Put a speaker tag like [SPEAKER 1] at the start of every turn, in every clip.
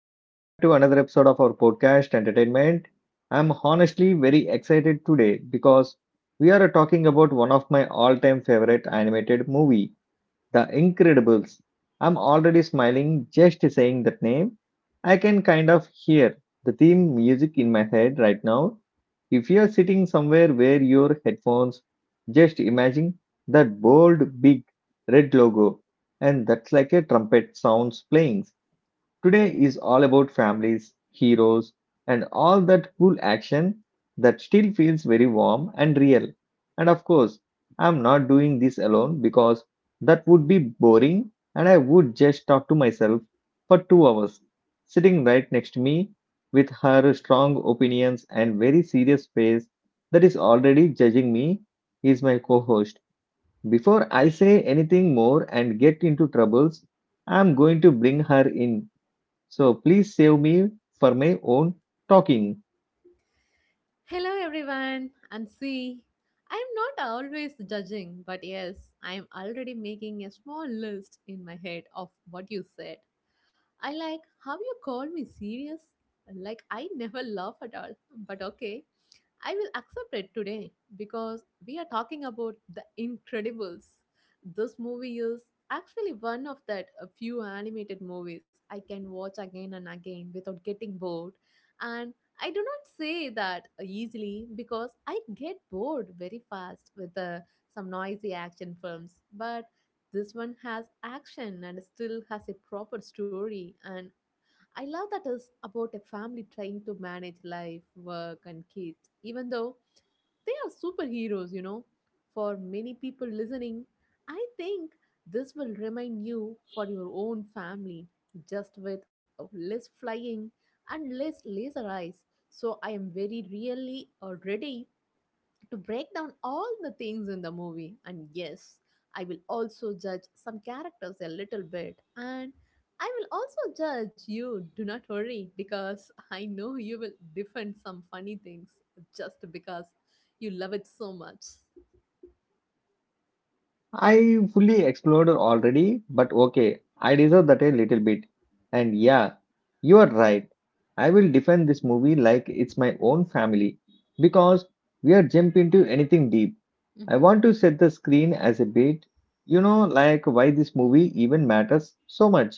[SPEAKER 1] welcome back to another episode of our podcast Entertainment. I'm honestly very excited today because we are talking about one of my all-time favorite animated movie, The Incredibles. I'm already smiling just saying that name. I can kind of hear the theme music in my head right now. If you're sitting somewhere where your headphones, just imagine that bold big red logo and that's like a trumpet sounds playing. Today is all about families, heroes, and all that cool action that still feels very warm and real. And of course, I'm not doing this alone because that would be boring and I would just talk to myself for 2 hours. Sitting right next to me with her strong opinions and very serious face that is already judging me is my co host. Before I say anything more and get into troubles, I'm going to bring her in so please save me for my own talking.
[SPEAKER 2] Hello, everyone, and see, I'm not always judging, but yes, I'm already making a small list in my head of what you said. I like how you call me serious, like I never laugh at all, but okay. I will accept it today because we are talking about The Incredibles. This movie is actually one of that a few animated movies I can watch again and again without getting bored. And I do not say that easily because I get bored very fast with some noisy action films. But this one has action and still has a proper story and I love that is about a family trying to manage life, work, and kids, even though they are superheroes, For many people listening, I think this will remind you for your own family, just with less flying and less laser eyes. So I am very really ready to break down all the things in the movie. And yes, I will also judge some characters a little bit. And I will also judge you. Do not worry because I know you will defend some funny things just because you love it so much.
[SPEAKER 1] I fully explored already, but okay, I deserve that a little bit. And yeah, you are right. I will defend this movie like it's my own family because we are jump into anything deep. I
[SPEAKER 2] Mm-hmm.
[SPEAKER 1] want to set the screen as a bit, you know, like why this movie even matters so much.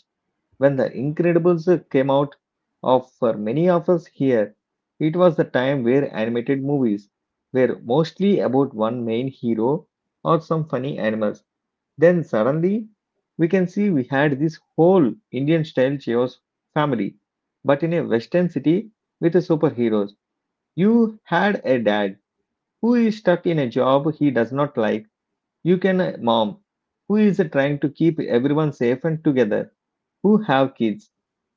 [SPEAKER 1] When The Incredibles came out of for many of us here, it was the time where animated movies were mostly about one main hero or some funny animals. Then suddenly we can see we had this whole Indian style chaos family, but in a western city with superheroes. You had a dad who is stuck in a job he does not like. You can a mom who is trying to keep everyone safe and together who have kids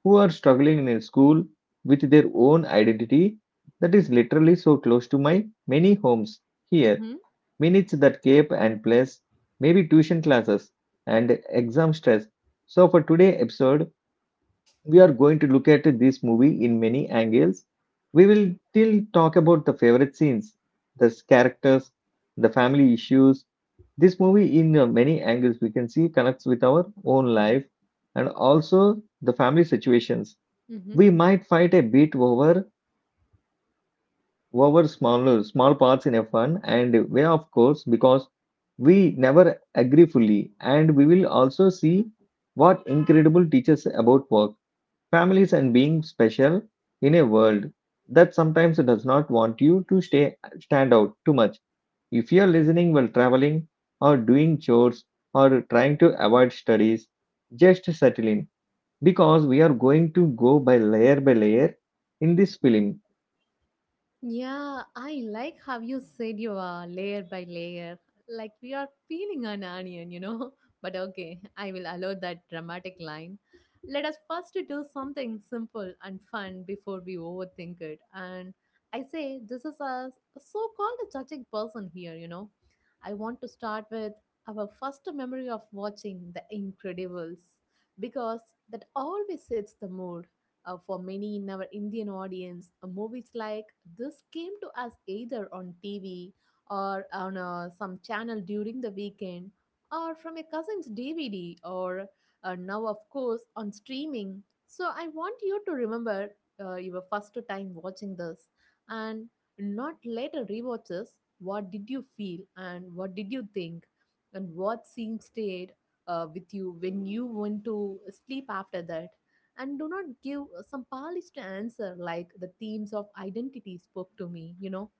[SPEAKER 1] who are struggling in a school with their own identity that is literally so close to my many homes here,
[SPEAKER 2] Mm-hmm.
[SPEAKER 1] minutes that cape and place, maybe tuition classes and exam stress. So for today episode we are going to look at this movie in many angles. We will still talk about the favorite scenes, the characters, the family issues. This movie, in many angles, we can see connects with our own
[SPEAKER 2] Mm-hmm.
[SPEAKER 1] life and also the family situations.
[SPEAKER 2] Mm-hmm.
[SPEAKER 1] We might fight a bit over smaller small parts in a fun and way of course because we never agree fully, and we will also see what incredible teaches about work, families, and being special in a world that sometimes does not want you to stay stand out too much. If you're listening while traveling or doing chores or trying to avoid studies, just settle in because we are going to go by layer in this film.
[SPEAKER 2] Yeah, I like how you said you are layer by layer, like we are peeling an onion, But okay, I will allow that dramatic line. Let us first do something simple and fun before we overthink it. And I say this is a so called a judging person here, I want to start with our first memory of watching The Incredibles because that always sets the mood. For many in our Indian audience, movies like this came to us either on TV or on some channel during the weekend or from a cousin's DVD or now, of course, on streaming. So I want you to remember your first time watching this and not later rewatches. What did you feel and what did you think and what scene stayed with you when you went to sleep after that? And do not give some polish to answer like the themes of identity spoke to me,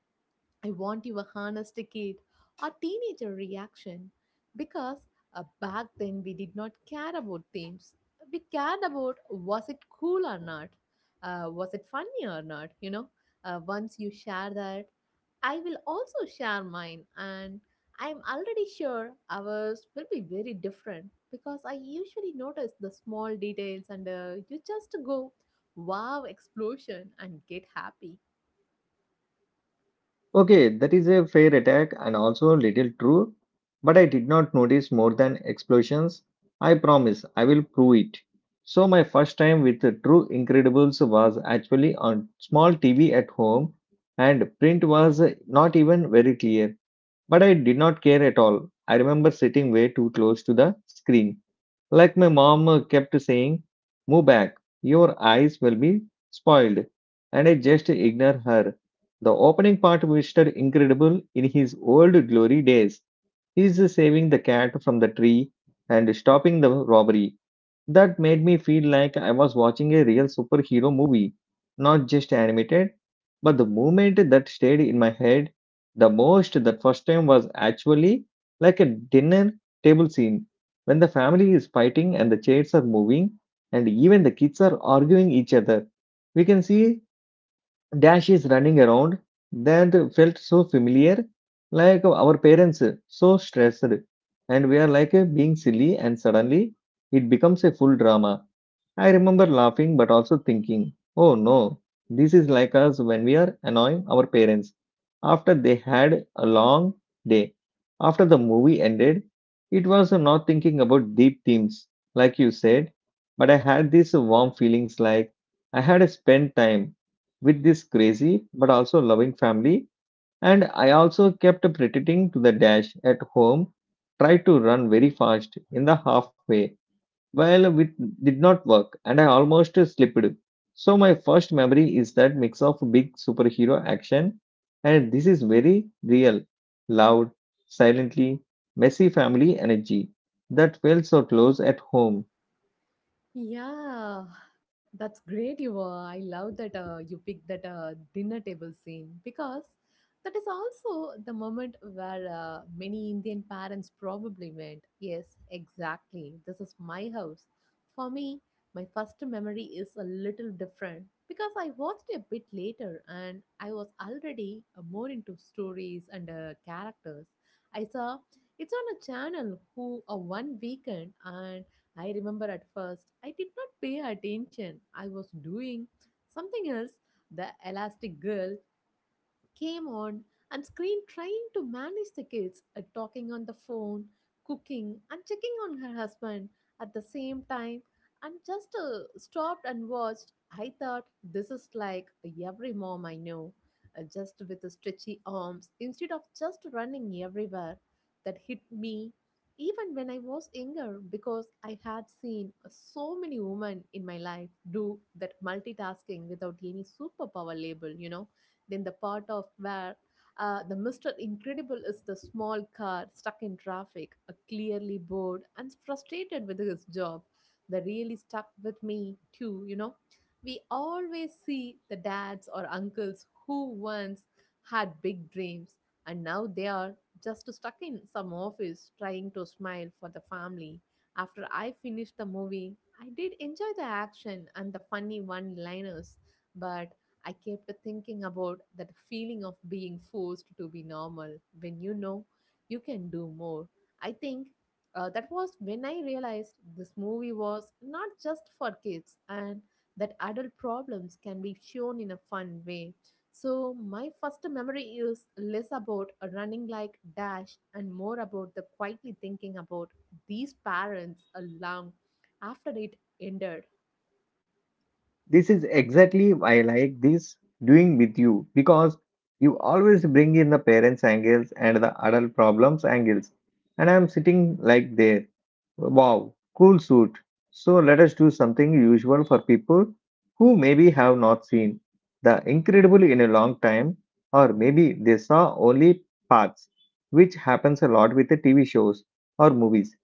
[SPEAKER 2] I want your honest kid or teenager reaction because back then we did not care about themes. We cared about was it cool or not, was it funny or not. Once you share that, I will also share mine, and I'm already sure ours will be very different because I usually notice the small details and you just go wow explosion and get happy.
[SPEAKER 1] Okay, that is a fair attack and also a little true, but I did not notice more than explosions. I promise I will prove it. So, my first time with the True Incredibles was actually on small TV at home, and print was not even very clear, but I did not care at all. I remember sitting way too close to the screen. Like my mom kept saying, "Move back, your eyes will be spoiled." And I just ignored her. The opening part, Mr. Incredible, in his old glory days, is saving the cat from the tree and stopping the robbery. That made me feel like I was watching a real superhero movie, not just animated. But the moment that stayed in my head the most that first time was actually like a dinner table scene when the family is fighting and the chairs are moving and even the kids are arguing each other. We can see Dash is running around. That felt so familiar, like our parents, so stressed, and we are like being silly, and suddenly it becomes a full drama. I remember laughing but also thinking, oh no, this is like us when we are annoying our parents after they had a long day. After the movie ended, it was not thinking about deep themes, like you said, but I had these warm feelings like I had spent time with this crazy but also loving family, and I also kept pretending to the dash at home, tried to run very fast in the halfway. Well, it did not work, and I almost slipped. So my first memory is that mix of big superhero action, and this is very real, loud, silently messy family energy that felt so close at home.
[SPEAKER 2] Yeah, that's great. You were. I love that you picked that dinner table scene because that is also the moment where many Indian parents probably went. Yes, exactly. This is my house. For me, my first memory is a little different because I watched a bit later and I was already more into stories and characters. I saw it's on a channel who a one weekend and I remember at first I did not pay attention. I was doing something else. The elastic girl came on and screamed, trying to manage the kids, talking on the phone, cooking, and checking on her husband at the same time, and just stopped and watched. I thought this is like every mom I know, just with the stretchy arms instead of just running everywhere. That hit me even when I was younger because I had seen so many women in my life do that multitasking without any superpower label, Then the part of where the Mr. Incredible is the small car stuck in traffic, clearly bored and frustrated with his job. That really stuck with me too, We always see the dads or uncles who once had big dreams and now they are just stuck in some office trying to smile for the family. After I finished the movie, I did enjoy the action and the funny one liners, but I kept thinking about that feeling of being forced to be normal when you know you can do more. I think that was when I realized this movie was not just for kids and that adult problems can be shown in a fun way. So, my first memory is less about a running like Dash and more about the quietly thinking about these parents along after it ended.
[SPEAKER 1] This is exactly why I like this doing with you because you always bring in the parents' angles and the adult problems angles. And I'm sitting like there. Wow, cool suit. So let us do something usual for people who maybe have not seen the incredible in a long time, or maybe they saw only parts, which happens a lot with the TV shows or movies.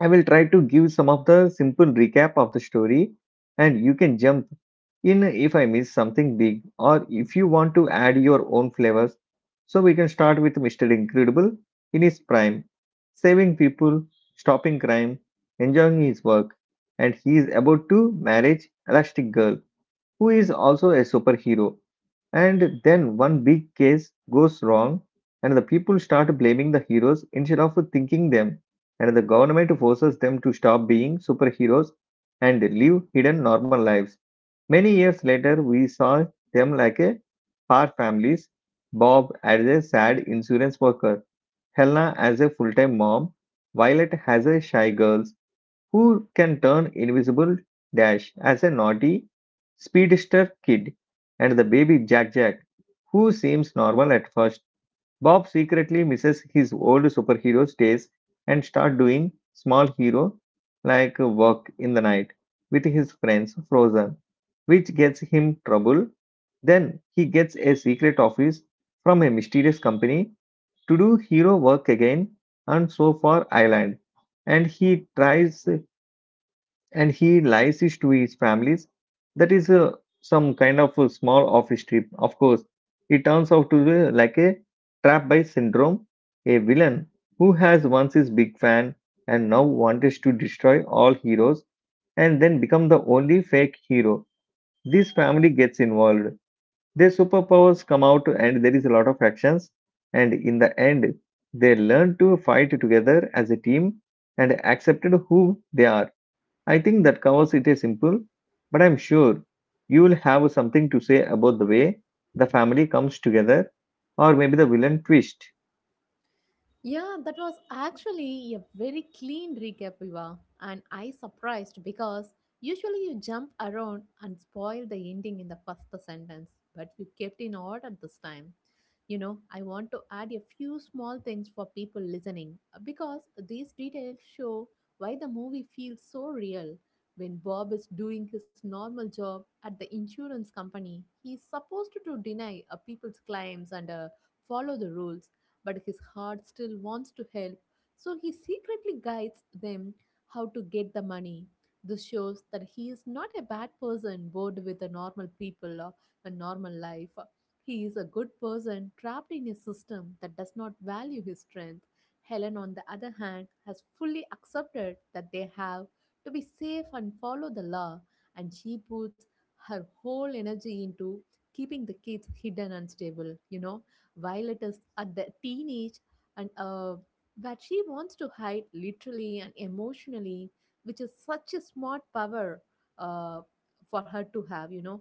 [SPEAKER 1] I will try to give some of the simple recap of the story and you can jump in if I miss something big or if you want to add your own flavors. So we can start with Mr. Incredible in his prime, saving people, stopping crime, enjoying his work, and he is about to marry Elastic Girl who is also a superhero. And then one big case goes wrong, and the people start blaming the heroes instead of thinking them. And the government forces them to stop being superheroes and live hidden normal lives. Many years later, we saw them like a par families, Bob as a sad insurance worker, Helena as a full time mom, Violet as a shy girl, who can turn invisible, Dash as a naughty speedster kid, and the baby Jack Jack, who seems normal at first. Bob secretly misses his old superhero days and start doing small hero like work in the night with his friends Frozen, which gets him trouble. Then he gets a secret office from a mysterious company to do hero work again on Sofa Island, and he tries and he lies his to his families. That is some kind of a small office trip. Of course, it turns out to be like a trap by syndrome, a villain who has once his big fan and now wants to destroy all heroes and then become the only fake hero. This family gets involved. Their superpowers come out and there is a lot of actions. And in the end, they learn to fight together as a team and accepted who they are. I think that covers it a simple, but I'm sure you will have something to say about the way the family comes together or maybe the villain twist.
[SPEAKER 2] Yeah, that was actually a very clean recap, Viva. And I surprised because usually you jump around and spoil the ending in the first sentence, but you kept in order this time. You know, I want to add a few small things for people listening because these details show why the movie feels so real. When Bob is doing his normal job at the insurance company, he is supposed to deny people's claims and follow the rules but his heart still wants to help, so he secretly guides them how to get the money. This shows that he is not a bad person bored with the normal people or a normal life. He is a good person trapped in a system that does not value his strength. Helen, on the other hand, has fully accepted that they have to be safe and follow the law, and she puts her whole energy into keeping the kids hidden and stable, Violet is at the teenage and but she wants to hide literally and emotionally, which is such a smart power uh, for her to have,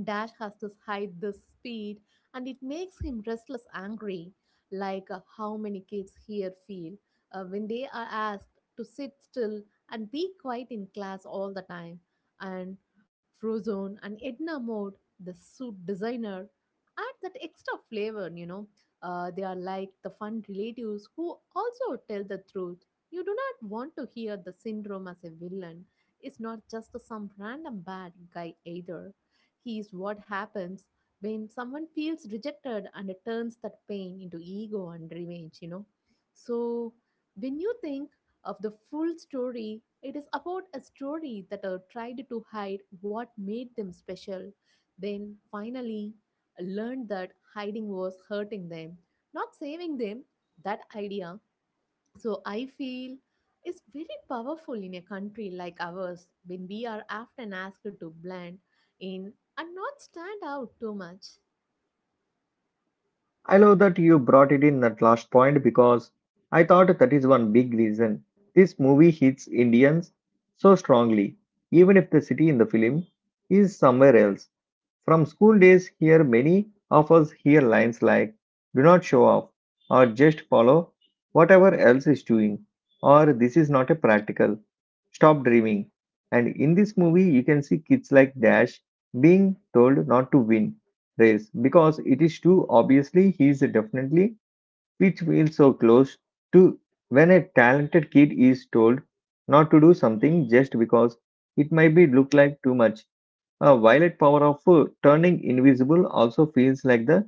[SPEAKER 2] Dash has this height, this speed, and it makes him restless, angry, like how many kids here feel when they are asked to sit still and be quiet in class all the time. And Frozone and Edna Mode, the suit designer, add that extra flavor, they are like the fun relatives who also tell the truth. You do not want to hear the syndrome as a villain. It's not just some random bad guy either, he is what happens when someone feels rejected and turns that pain into ego and revenge, So, when you think of the full story, it is about a story that tried to hide what made them special, then finally learned that hiding was hurting them, not saving them. That idea so I feel it's very powerful in a country like ours when we are often asked to blend in and not stand out too much.
[SPEAKER 1] I love that you brought it in that last point because I thought that is one big reason this movie hits Indians so strongly, even if the city in the film is somewhere else. From school days, here many of us hear lines like "do not show off" or "just follow whatever else is doing" or "this is not a practical, stop dreaming." And in this movie, you can see kids like Dash being told not to win race because it is too obviously he is definitely, which feels so close to when a talented kid is told not to do something just because it might be look like too much. A violet power of turning invisible also feels like the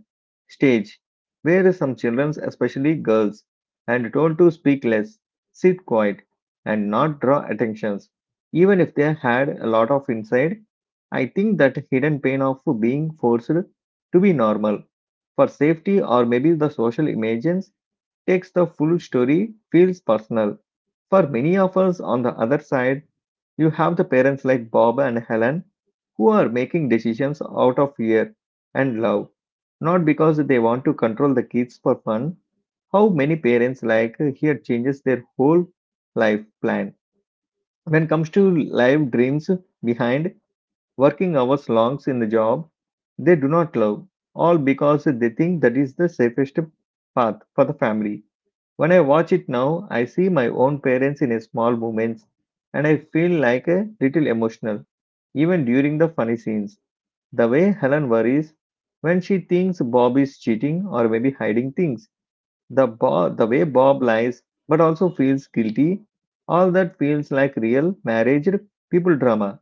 [SPEAKER 1] stage, where some children, especially girls, are told to speak less, sit quiet, and not draw attentions, even if they had a lot of inside. I think that hidden pain of being forced to be normal for safety or maybe the social images takes the full story feels personal. For many of us on the other side, you have the parents like Bob and Helen who are making decisions out of fear and love, not because they want to control the kids for fun. How many parents like here changes their whole life plan when it comes to life dreams behind working hours longs in the job they do not love, all because they think that is the safest path for the family. When I watch it now, I see my own parents in a small moments and I feel like a little emotional, even during the funny scenes. The way Helen worries when she thinks Bob is cheating or maybe hiding things, the way Bob lies but also feels guilty, all that feels like real marriage people drama,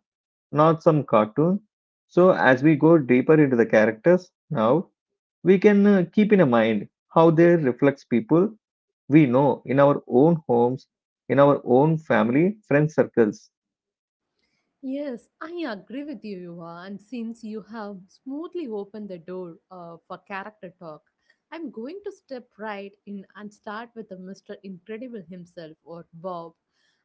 [SPEAKER 1] not some cartoon. So, as we go deeper into the characters now, we can keep in mind how they reflect people we know in our own homes, in our own family, friend circles.
[SPEAKER 2] Yes, I agree with you, Yuva. And since you have smoothly opened the door for character talk, I'm going to step right in and start with the Mr. Incredible himself or Bob.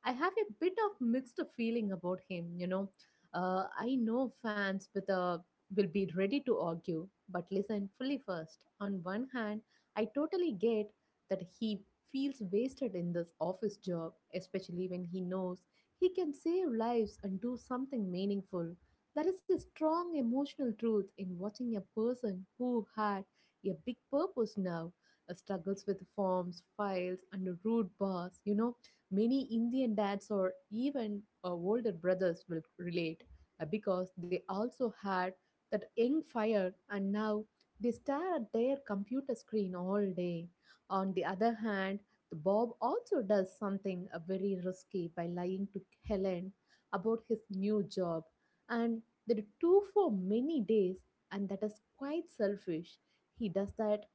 [SPEAKER 2] I have a bit of mixed feeling about him, I know fans with a will be ready to argue, but listen fully first. On one hand, I totally get that he feels wasted in this office job, especially when he knows he can save lives and do something meaningful. There is a strong emotional truth in watching a person who had a big purpose now struggles with forms, files, and a rude boss. You know, many Indian dads or even older brothers will relate because they also had that young fire and now they stare at their computer screen all day. On the other hand, the Bob also does something very risky by lying to Helen about his new job, and they do for many days, and that is quite selfish. He does that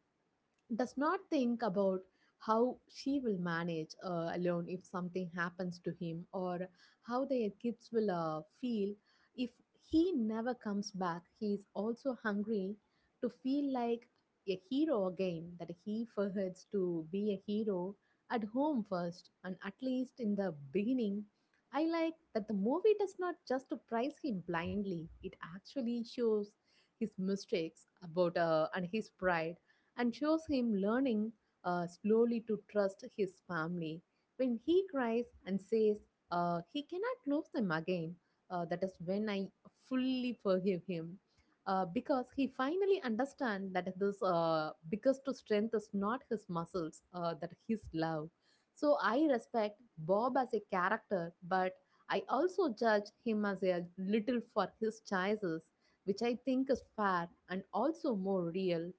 [SPEAKER 2] does not think about how she will manage alone if something happens to him or how their kids will feel if he never comes back. He is also hungry to feel like a hero again that he forgets to be a hero at home first, and at least in the beginning I like that the movie does not just praise him blindly. It actually shows his mistakes about and his pride and shows him learning slowly to trust his family. When he cries and says he cannot lose them again, that is when I fully forgive him. Because he finally understands that this biggest strength is not his muscles, that his love. So I respect Bob as a character, but I also judge him as a little for his choices, which I think is fair and also more real.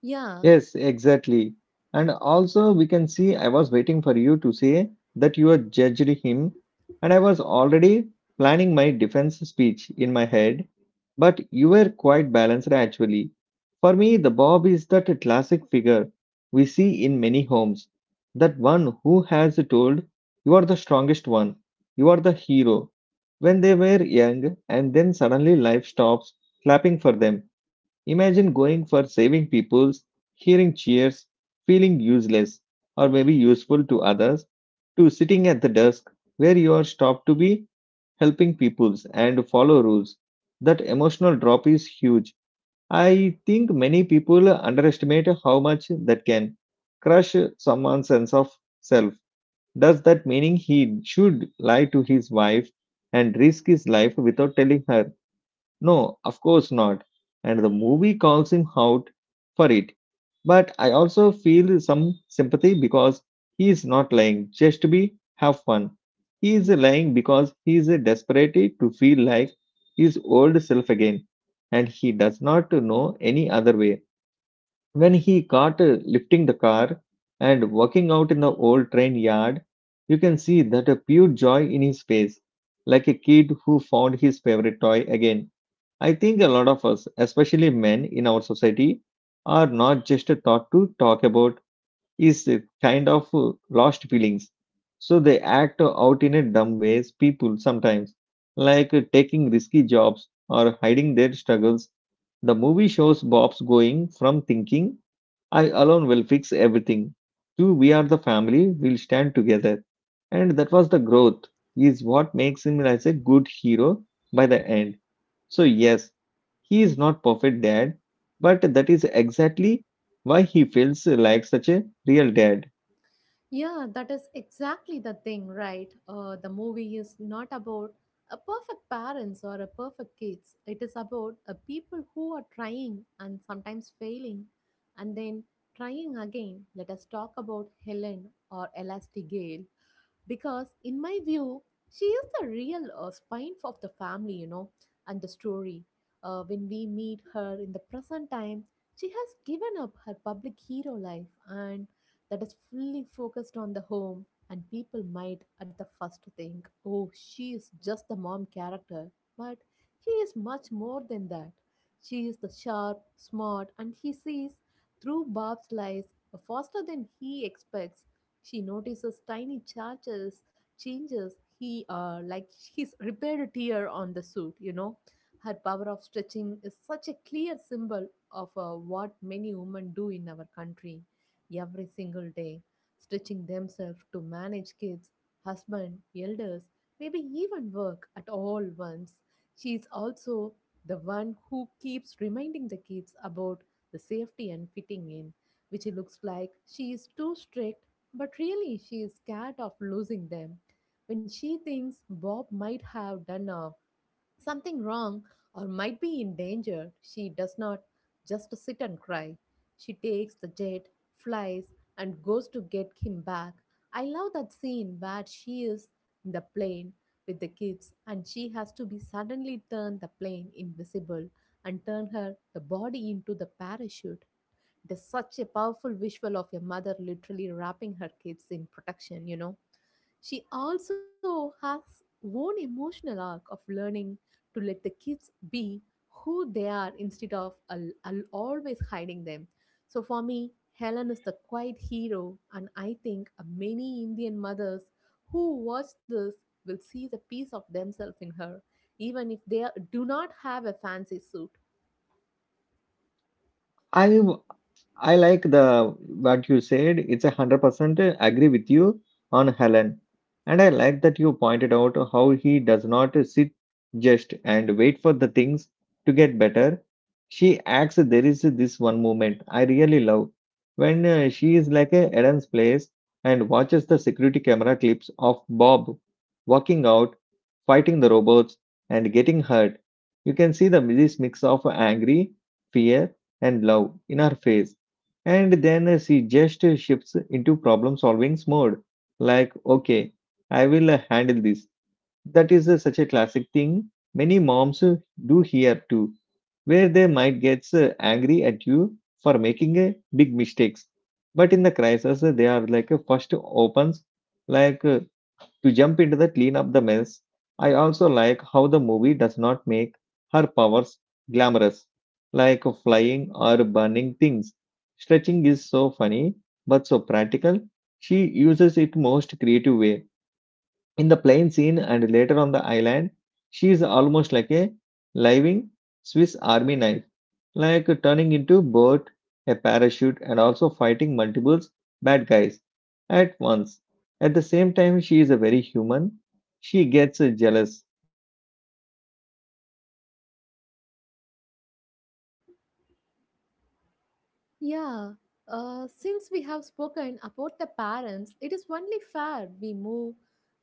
[SPEAKER 2] Yeah.
[SPEAKER 1] Yes, exactly. And also, we can see I was waiting for you to say that you had judged him, and I was already planning my defense speech in my head, but you were quite balanced actually. For me, the Bob is that classic figure we see in many homes, that one who has told, "You are the strongest one, you are the hero," when they were young, and then suddenly life stops clapping for them. Imagine going for saving people hearing cheers, feeling useless or maybe useful to others, to sitting at the desk where you are stopped to be helping peoples and follow rules. That emotional drop is huge. I think many people underestimate how much that can crush someone's sense of self. Does that meaning he should lie to his wife and risk his life without telling her? No, of course not. And the movie calls him out for it. But I also feel some sympathy because he is not lying just to be have fun. He is lying because he is desperate to feel like his old self again. And he does not know any other way. When he caught lifting the car and walking out in the old train yard, you can see that a pure joy in his face, like a kid who found his favorite toy again. I think a lot of us, especially men in our society, are not just taught to talk about is a kind of lost feelings. So they act out in a dumb ways, people sometimes, like taking risky jobs or hiding their struggles. The movie shows Bob's going from thinking, "I alone will fix everything," to "we are the family, we'll stand together." And that was the growth, is what makes him as a good hero by the end. So, yes, he is not perfect dad, but that is exactly why he feels like such a real dad.
[SPEAKER 2] Yeah, that is exactly the thing, right? The movie is not about a perfect parents or a perfect kids. It is about a people who are trying and sometimes failing and then trying again. Let us talk about Helen or Elastigirl because in my view she is the real spine of the family, and the story. When we meet her in the present time she has given up her public hero life and that is fully focused on the home, and people might at the first think, oh, she is just the mom character, but she is much more than that. She is the sharp smart and he sees through Bob's lies faster than he expects. She notices tiny charges, changes he like he's repaired a tear on the suit. Her power of stretching is such a clear symbol of what many women do in our country every single day, stretching themselves to manage kids, husband, elders, maybe even work at all once. She is also the one who keeps reminding the kids about the safety and fitting in, which looks like she is too strict, but really, she is scared of losing them. When she thinks Bob might have done something wrong or might be in danger, she does not just sit and cry. She takes the jet, flies, and goes to get him back. I love that scene where she is in the plane with the kids and she has to be suddenly turn the plane invisible and turn her the body into the parachute. It is such a powerful visual of a mother literally wrapping her kids in protection, She also has own emotional arc of learning to let the kids be who they are instead of always hiding them. So for me, Helen is the quiet hero, and I think many Indian mothers who watch this will see the piece of themselves in her, even if they do not have a fancy suit.
[SPEAKER 1] I like the what you said. It's 100% agree with you on Helen, and I like that you pointed out how he does not sit just and wait for the things to get better. She acts. There is this one moment I really love when she is like a Eden's place and watches the security camera clips of Bob walking out, fighting the robots, and getting hurt. You can see the this mix of angry, fear and love in her face. And then she just shifts into problem solving mode. Like, okay, I will handle this. That is such a classic thing many moms do here too, where they might get angry at you for making a big mistakes. But in the crisis, they are like first opens like to jump into the clean up the mess. I also like how the movie does not make her powers glamorous, like flying or burning things. Stretching is so funny but so practical. She uses it most creative way. In the plane scene and later on the island, she is almost like a living Swiss army knife, like turning into both a parachute and also fighting multiple bad guys at once. At the same time, she is a very human. She gets jealous and also hurt when she thinks Bob might be cheating and she cries along, and that makes her
[SPEAKER 2] Yeah,
[SPEAKER 1] more real.
[SPEAKER 2] since we have spoken about the parents, it is only fair we move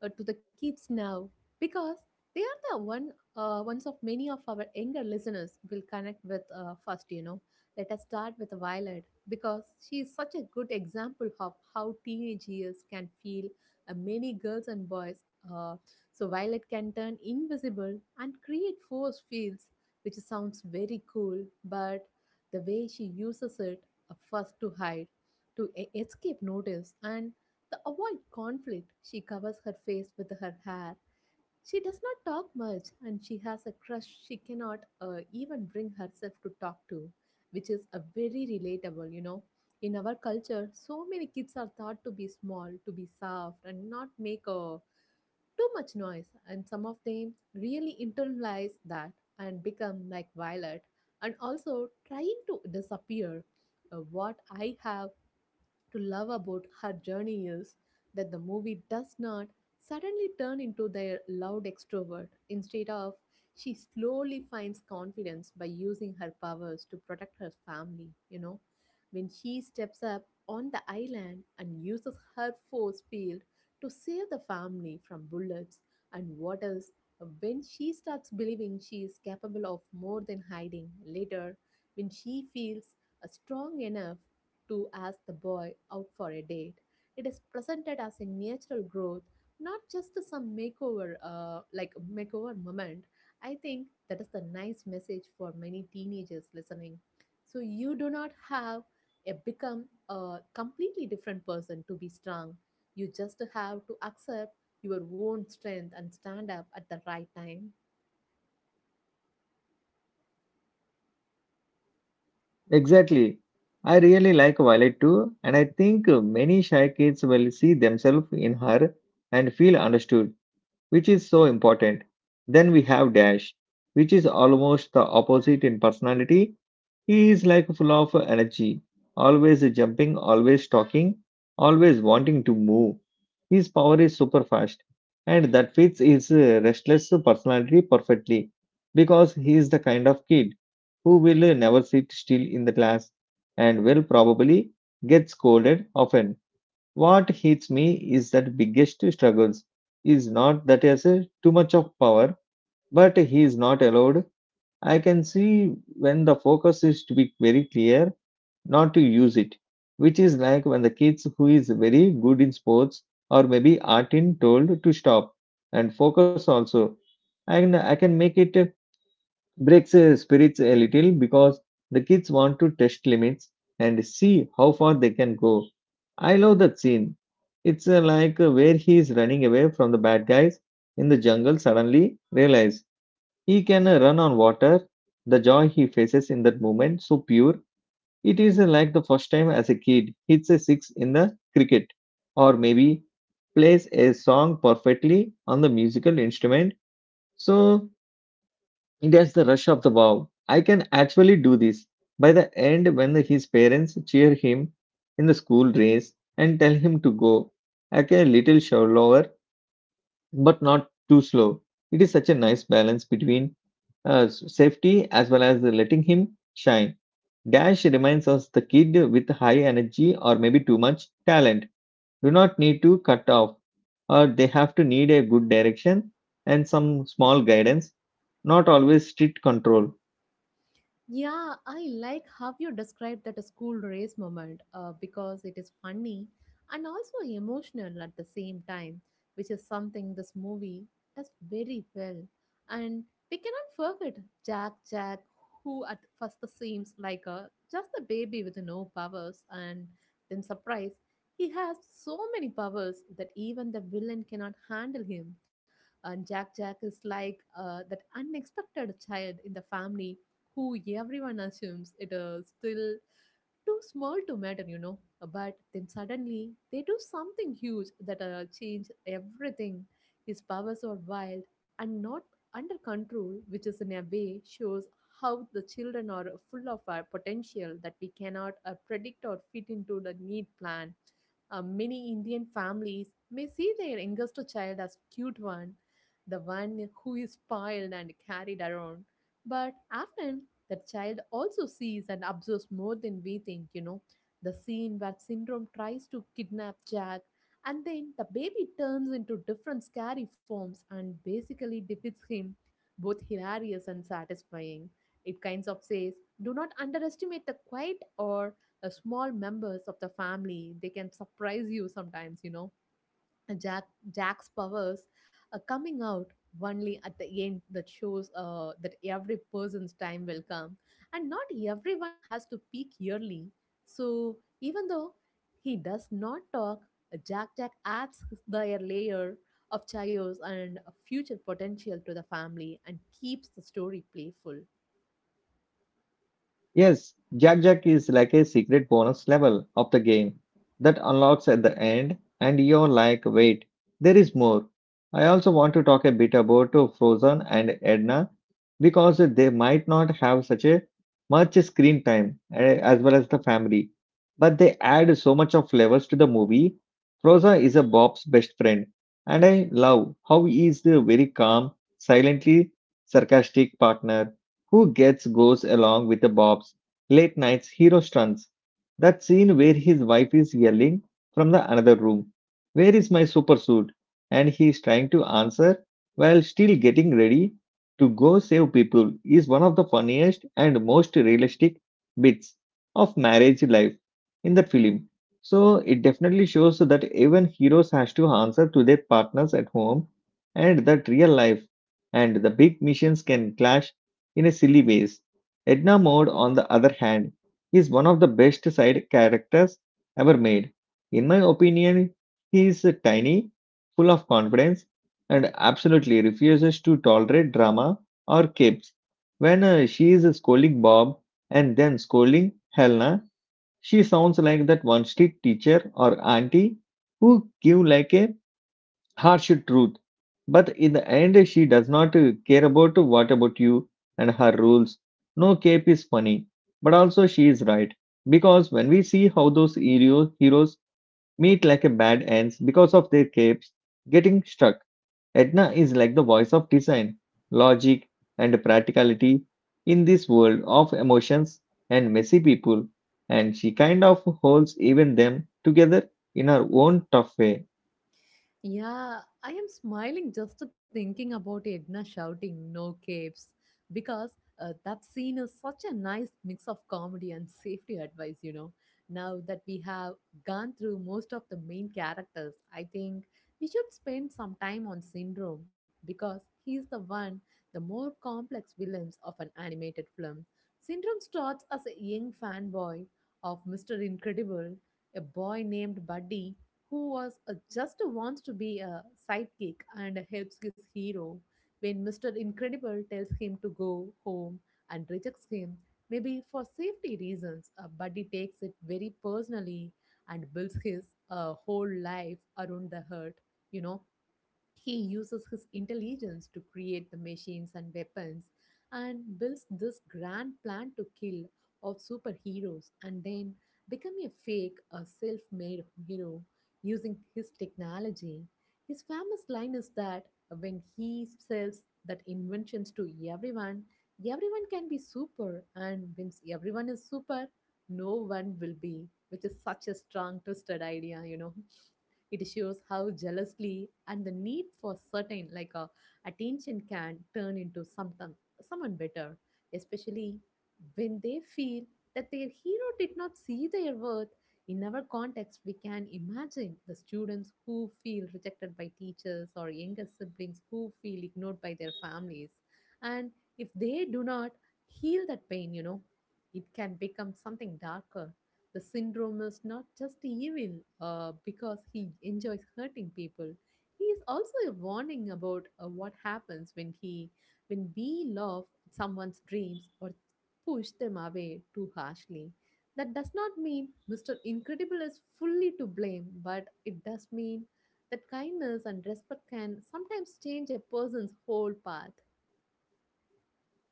[SPEAKER 2] to the kids now because they are the one ones of many of our younger listeners will connect with first. You know, let us start with Violet because she is such a good example of how teenage years can feel many girls and boys. Uh, so Violet can turn invisible and create force fields, which sounds very cool, but the way she uses it first to hide, to escape notice, and to avoid conflict. She covers her face with her hair. She does not talk much, and she has a crush she cannot even bring herself to talk to, which is a very relatable, you know. In our culture, so many kids are thought to be small, to be soft, and not make a too much noise, and some of them really internalize that and become like Violet and also trying to disappear. What I have to love about her journey is that the movie does not suddenly turn into their loud extrovert. Instead of, she slowly finds confidence by using her powers to protect her family, you know. When she steps up on the island and uses her force field to save the family from bullets and waters. When she starts believing she is capable of more than hiding later, when she feels strong enough to ask the boy out for a date. It is presented as a natural growth, not just some makeover, like makeover moment. I think that is the nice message for many teenagers listening. So you do not have a become a completely different person to be strong. You just have to accept your own strength and stand up at the right time.
[SPEAKER 1] Exactly. I really like Violet too, and I think many shy kids will see themselves in her and feel understood, which is so important. Then we have Dash, which is almost the opposite in personality. He is like full of energy, always jumping, always talking, always wanting to move. His power is super fast, and that fits his restless personality perfectly because he is the kind of kid who will never sit still in the class and will probably get scolded often. What hits me is that biggest struggles is not that as a too much of power, but he is not allowed. I can see when the focus is to be very clear, not to use it, which is like when the kids who is very good in sports or maybe art in told to stop and focus also. And I can make it breaks their spirits a little because the kids want to test limits and see how far they can go. I love that scene. It's like where he is running away from the bad guys in the jungle suddenly realize he can run on water. The joy he faces in that moment so pure. It is like the first time as a kid hits a six in the cricket or maybe plays a song perfectly on the musical instrument. So that's the rush of the wow. I can actually do this. By the end, when his parents cheer him in the school race and tell him to go, I can a little slower, but not too slow. It is such a nice balance between safety as well as letting him shine. Dash reminds us the kid with high energy or maybe too much talent do not need to cut off, or they have to need a good direction and some small guidance, not always strict control.
[SPEAKER 2] Yeah, I like how you described that school race moment because it is funny and also emotional at the same time, which is something this movie does very well. And we cannot forget Jack Jack, who at first seems like a just a baby with no powers, and then surprise, he has so many powers that even the villain cannot handle him. And Jack Jack is like that unexpected child in the family who everyone assumes it is still too small to matter, you know. But then suddenly they do something huge that change everything. His powers are wild and not under control, which is in a way shows how the children are full of our potential that we cannot predict or fit into the need plan. Many Indian families may see their youngest child as cute one, the one who is spoiled and carried around. But often the child also sees and observes more than we think, you know. The scene where Syndrome tries to kidnap Jack, and then the baby turns into different scary forms and basically defeats him, both hilarious and satisfying. It kinds of says, do not underestimate the quiet or small members of the family. They can surprise you sometimes, you know. Jack Jack's powers are coming out only at the end that shows that every person's time will come, and not everyone has to peak yearly. So even though he does not talk, Jack Jack adds their layer of chaos and future potential to the family and keeps the story playful.
[SPEAKER 1] Yes, Jack Jack is like a secret bonus level of the game that unlocks at the end, and you're like, wait, there is more. I also want to talk a bit about Frozen and Edna because they might not have such a much screen time as well as the family, but they add so much of flavors to the movie. Frozen is a Bob's best friend, and I love how he is the very calm, silently sarcastic partner who gets goes along with the Bob's late nights hero stunts. That scene where his wife is yelling from the another room, "Where is my super suit?" and he is trying to answer while still getting ready to go save people is one of the funniest and most realistic bits of marriage life in that film. So it definitely shows that even heroes has to answer to their partners at home and that real life and the big missions can clash in a silly ways. Edna Mode, on the other hand, is one of the best side characters ever made. In my opinion, he is tiny, full of confidence, and absolutely refuses to tolerate drama or capes. When she is scolding Bob and then scolding Helena, she sounds like that one street teacher or auntie who give like a harsh truth. But in the end, she does not care about what about you and her rules. No cape is funny, but also she is right. Because when we see how those heroes meet like a bad ends because of their capes, getting struck, Edna is like the voice of design, logic, and practicality in this world of emotions and messy people, and she kind of holds even them together in her own tough way.
[SPEAKER 2] Yeah, I am smiling just thinking about Edna shouting no capes because that scene is such a nice mix of comedy and safety advice, you know. Now that we have gone through most of the main characters, I think we should spend some time on Syndrome because he's the one, the more complex villains of an animated film. Syndrome starts as a young fanboy of Mr. Incredible, a boy named Buddy who was just wants to be a sidekick and helps his hero when Mr. Incredible tells him to go home and rejects him, maybe for safety reasons, but he takes it very personally and builds his whole life around the hurt. You know, he uses his intelligence to create the machines and weapons and builds this grand plan to kill of superheroes and then become a fake a self-made hero using his technology. His famous line is that when he sells that inventions to everyone, everyone can be super and when everyone is super, no one will be, which is such a strong twisted idea, you know. It shows how jealously and the need for certain like attention can turn into sometime, someone better, especially when they feel that their hero did not see their worth. In our context, we can imagine the students who feel rejected by teachers or younger siblings who feel ignored by their families. And if they do not heal that pain, you know, it can become something darker. The syndrome is not just evil because he enjoys hurting people. He is also a warning about what happens when we love someone's dreams or push them away too harshly. That does not mean Mr. Incredible is fully to blame, but it does mean that kindness and respect can sometimes change a person's whole path.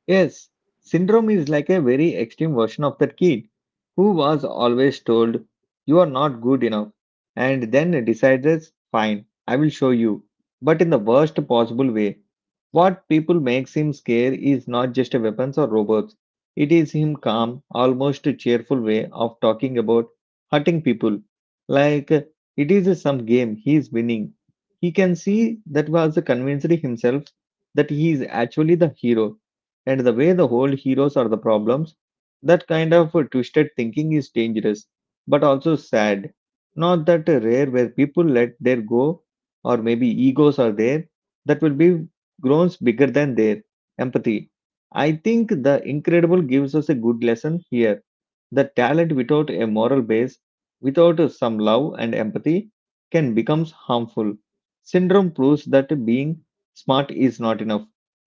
[SPEAKER 1] Yes, syndrome is like a very extreme version of that kid who was always told, "You are not good enough," and then decides, "Fine, I will show you," but in the worst possible way. What people makes him scare is not just a weapons or robots. It is him calm, almost cheerful way of talking about hurting people. Like it is some game he is winning. He can see that was convinced himself that he is actually the hero and the way the whole heroes are the problems, that kind of twisted thinking is dangerous, but also sad. Not that rare where people let their go, or maybe egos are there, that will be groans bigger than their empathy. I think The Incredible gives us a good lesson here. The talent without a moral base, without some love and empathy, can become harmful. Syndrome proves that being smart is not enough.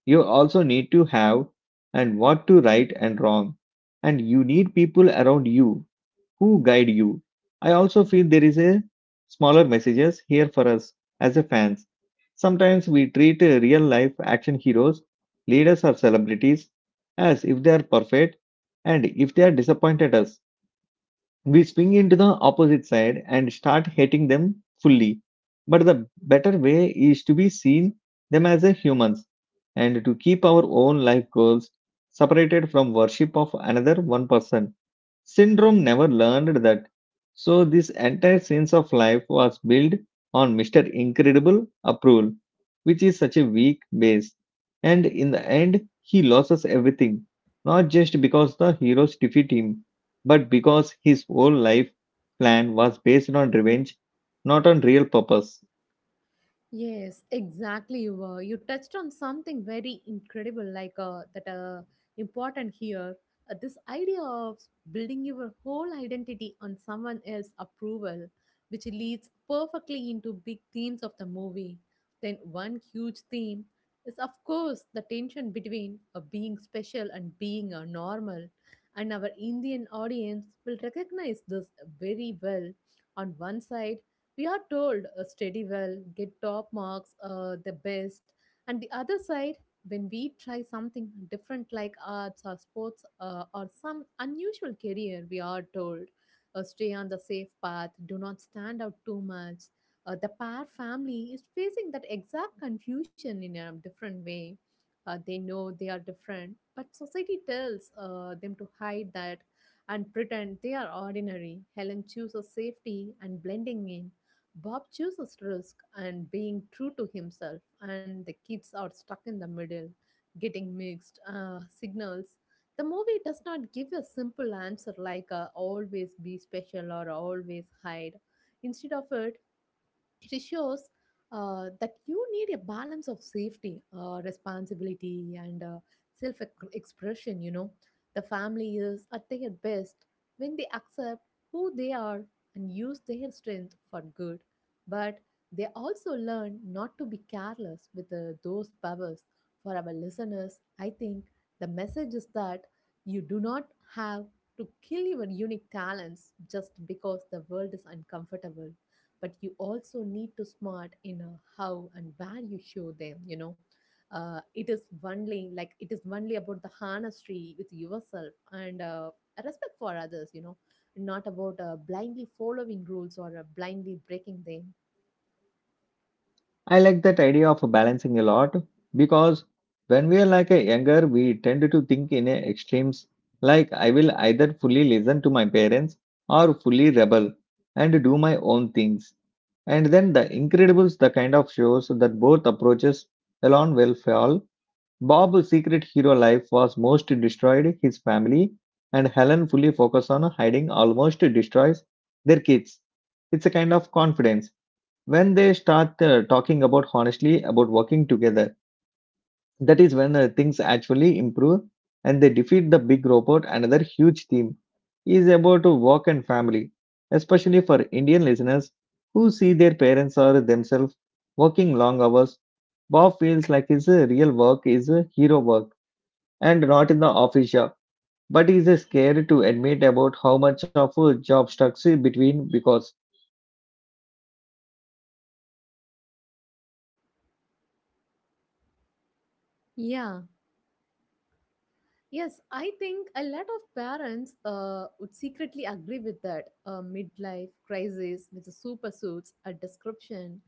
[SPEAKER 1] You also need to have and what to right and wrong. And you need people around you who guide you. I also feel there is a smaller messages here for us as a fans. Sometimes we treat real life action heroes, leaders or celebrities as if they are perfect and if they are disappointed us we swing into the opposite side and start hating them fully. But the better way is to be seen them as a humans and to keep our own life goals separated from worship of another one person. Syndrome never learned that. So this entire sense of life was built on Mr. Incredible approval, which is such a weak base. And in the end, he loses everything, not just because the heroes defeat him, but because his whole life plan was based on revenge, not on real purpose.
[SPEAKER 2] Yes, exactly. You were. You touched on something very incredible, like that important here. This idea of building your whole identity on someone else's approval, which leads perfectly into big themes of the movie. Then one huge theme is, of course, the tension between being special and being normal. And our Indian audience will recognize this very well. On one side, we are told study well, get top marks, the best. And the other side, when we try something different like arts or sports or some unusual career, we are told stay on the safe path, do not stand out too much. The pair family is facing that exact confusion in a different way. They know they are different, but society tells them to hide that and pretend they are ordinary. Helen chooses safety and blending in, Bob chooses risk and being true to himself, and the kids are stuck in the middle, getting mixed signals. The movie does not give a simple answer like always be special or always hide. Instead of it, it shows that you need a balance of safety, responsibility, and self expression. You know, the family is at their best when they accept who they are and use their strength for good. But they also learn not to be careless with those powers. For our listeners, I think the message is that you do not have to kill your unique talents just because the world is uncomfortable, but you also need to smart in a how and where you show them, you know. It is only like it is only about the honesty with yourself and respect for others, you know, not about blindly following rules or blindly breaking them.
[SPEAKER 1] I like that idea of balancing a lot because when we are like a younger, we tend to think in a extremes like I will either fully listen to my parents or fully rebel and do my own things. And then the Incredibles, the kind of shows that both approaches alone will fail. Bob's secret hero life was most destroyed his family, and Helen fully focused on hiding almost destroys their kids. It's a kind of confidence when they start talking about honestly about working together. That is when things actually improve and they defeat the big robot. Another huge theme is about work and family, especially for Indian listeners who see their parents or themselves working long hours. Bob feels like his real work is hero work and not in the office job, but he is scared to admit about how much of a job stuck between because
[SPEAKER 2] Yeah. Yes, I think a lot of parents would secretly agree with that midlife crisis with the super suits, a description.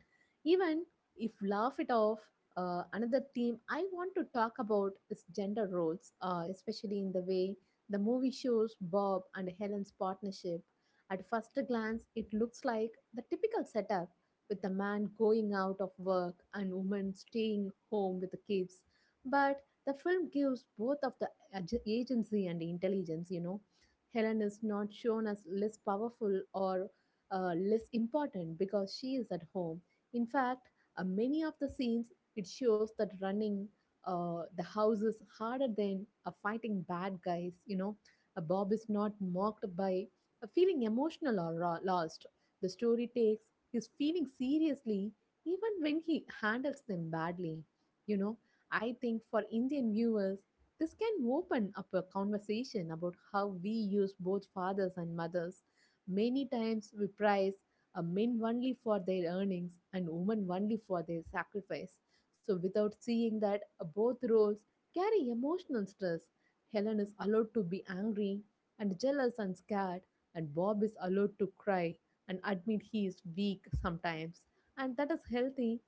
[SPEAKER 2] Even if laugh it off, another theme I want to talk about is gender roles, especially in the way the movie shows Bob and Helen's partnership. At first glance, it looks like the typical setup with the man going out of work and woman staying home with the kids. But the film gives both of the agency and intelligence. Helen is not shown as less powerful or less important because she is at home. In fact, many of the scenes it shows that running the house is harder than fighting bad guys. Bob is not mocked by feeling emotional or lost. The story takes his feelings seriously even when he handles them badly you know I think for Indian viewers, this can open up a conversation about how we use both fathers and mothers. Many times we prize a men only for their earnings and women only for their sacrifice. So, without seeing that both roles carry emotional stress, Helen is allowed to be angry and jealous and scared, and Bob is allowed to cry and admit he is weak sometimes. And that is healthy.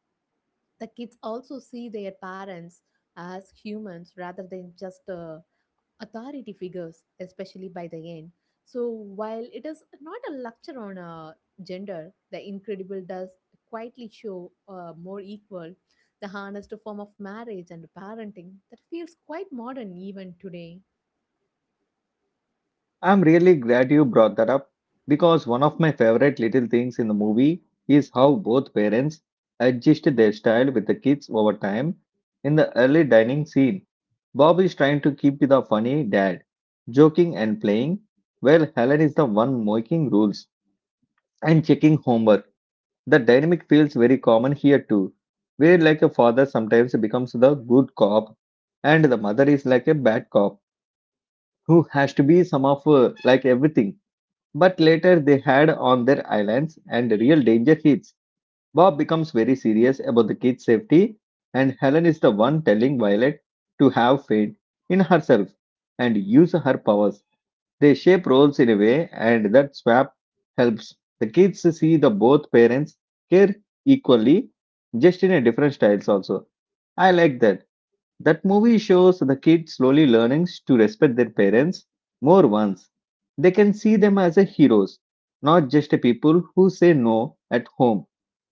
[SPEAKER 2] The kids also see their parents as humans rather than just authority figures, especially by the end. So, while it is not a lecture on gender, The Incredible does quietly show a more equal, the honest form of marriage and parenting that feels quite modern even today.
[SPEAKER 1] I'm really glad you brought that up, because one of my favorite little things in the movie is how both parents adjusted their style with the kids over time. In the early dining scene, Bob is trying to keep the funny dad, joking and playing, while Helen is the one making rules and checking homework. The dynamic feels very common here too, where like a father sometimes becomes the good cop and the mother is like a bad cop who has to be some of like everything, but later they had on their islands and real danger hits. Bob becomes very serious about the kids' safety, and Helen is the one telling Violet to have faith in herself and use her powers. They shape roles in a way, and that swap helps the kids see the both parents care equally, just in a different styles also. I like that. That movie shows the kids slowly learning to respect their parents more once they can see them as a heroes, not just a people who say no at home.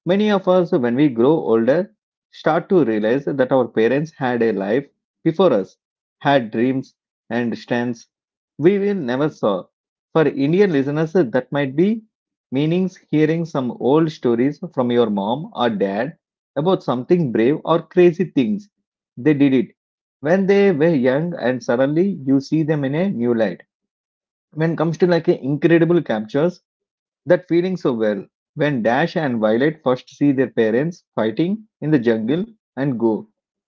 [SPEAKER 1] Many of us, when we grow older, start to realize that our parents had a life before us, had dreams and strengths we will never saw. For Indian listeners, that might be meanings hearing some old stories from your mom or dad about something brave or crazy things they did it when they were young, and suddenly you see them in a new light. When it comes to like a incredible captures, that feeling so well. When Dash and Violet first see their parents fighting in the jungle and go,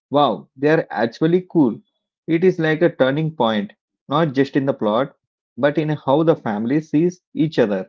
[SPEAKER 1] wow, they are actually cool. It is like a turning point, not just in the plot, but in how the family sees each other.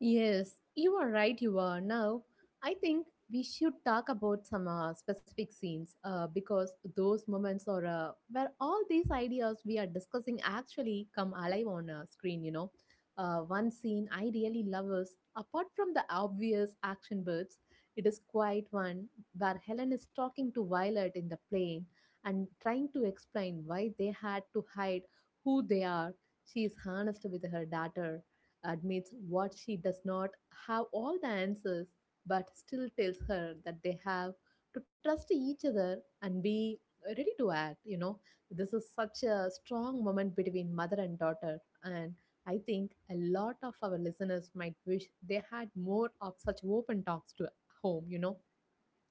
[SPEAKER 2] Yes, you are right, you are. Now, I think we should talk about some specific scenes because those moments are where all these ideas we are discussing actually come alive on a screen, you know. One scene I really love is, apart from the obvious action bits, it is quite one where Helen is talking to Violet in the plane and trying to explain why they had to hide who they are. She is honest with her daughter admits what she does not have all the answers, but still tells her that they have to trust each other and be ready to act. You know, this is such a strong moment between mother and daughter, and I think a lot of our listeners might wish they had more of such open talks to home. You know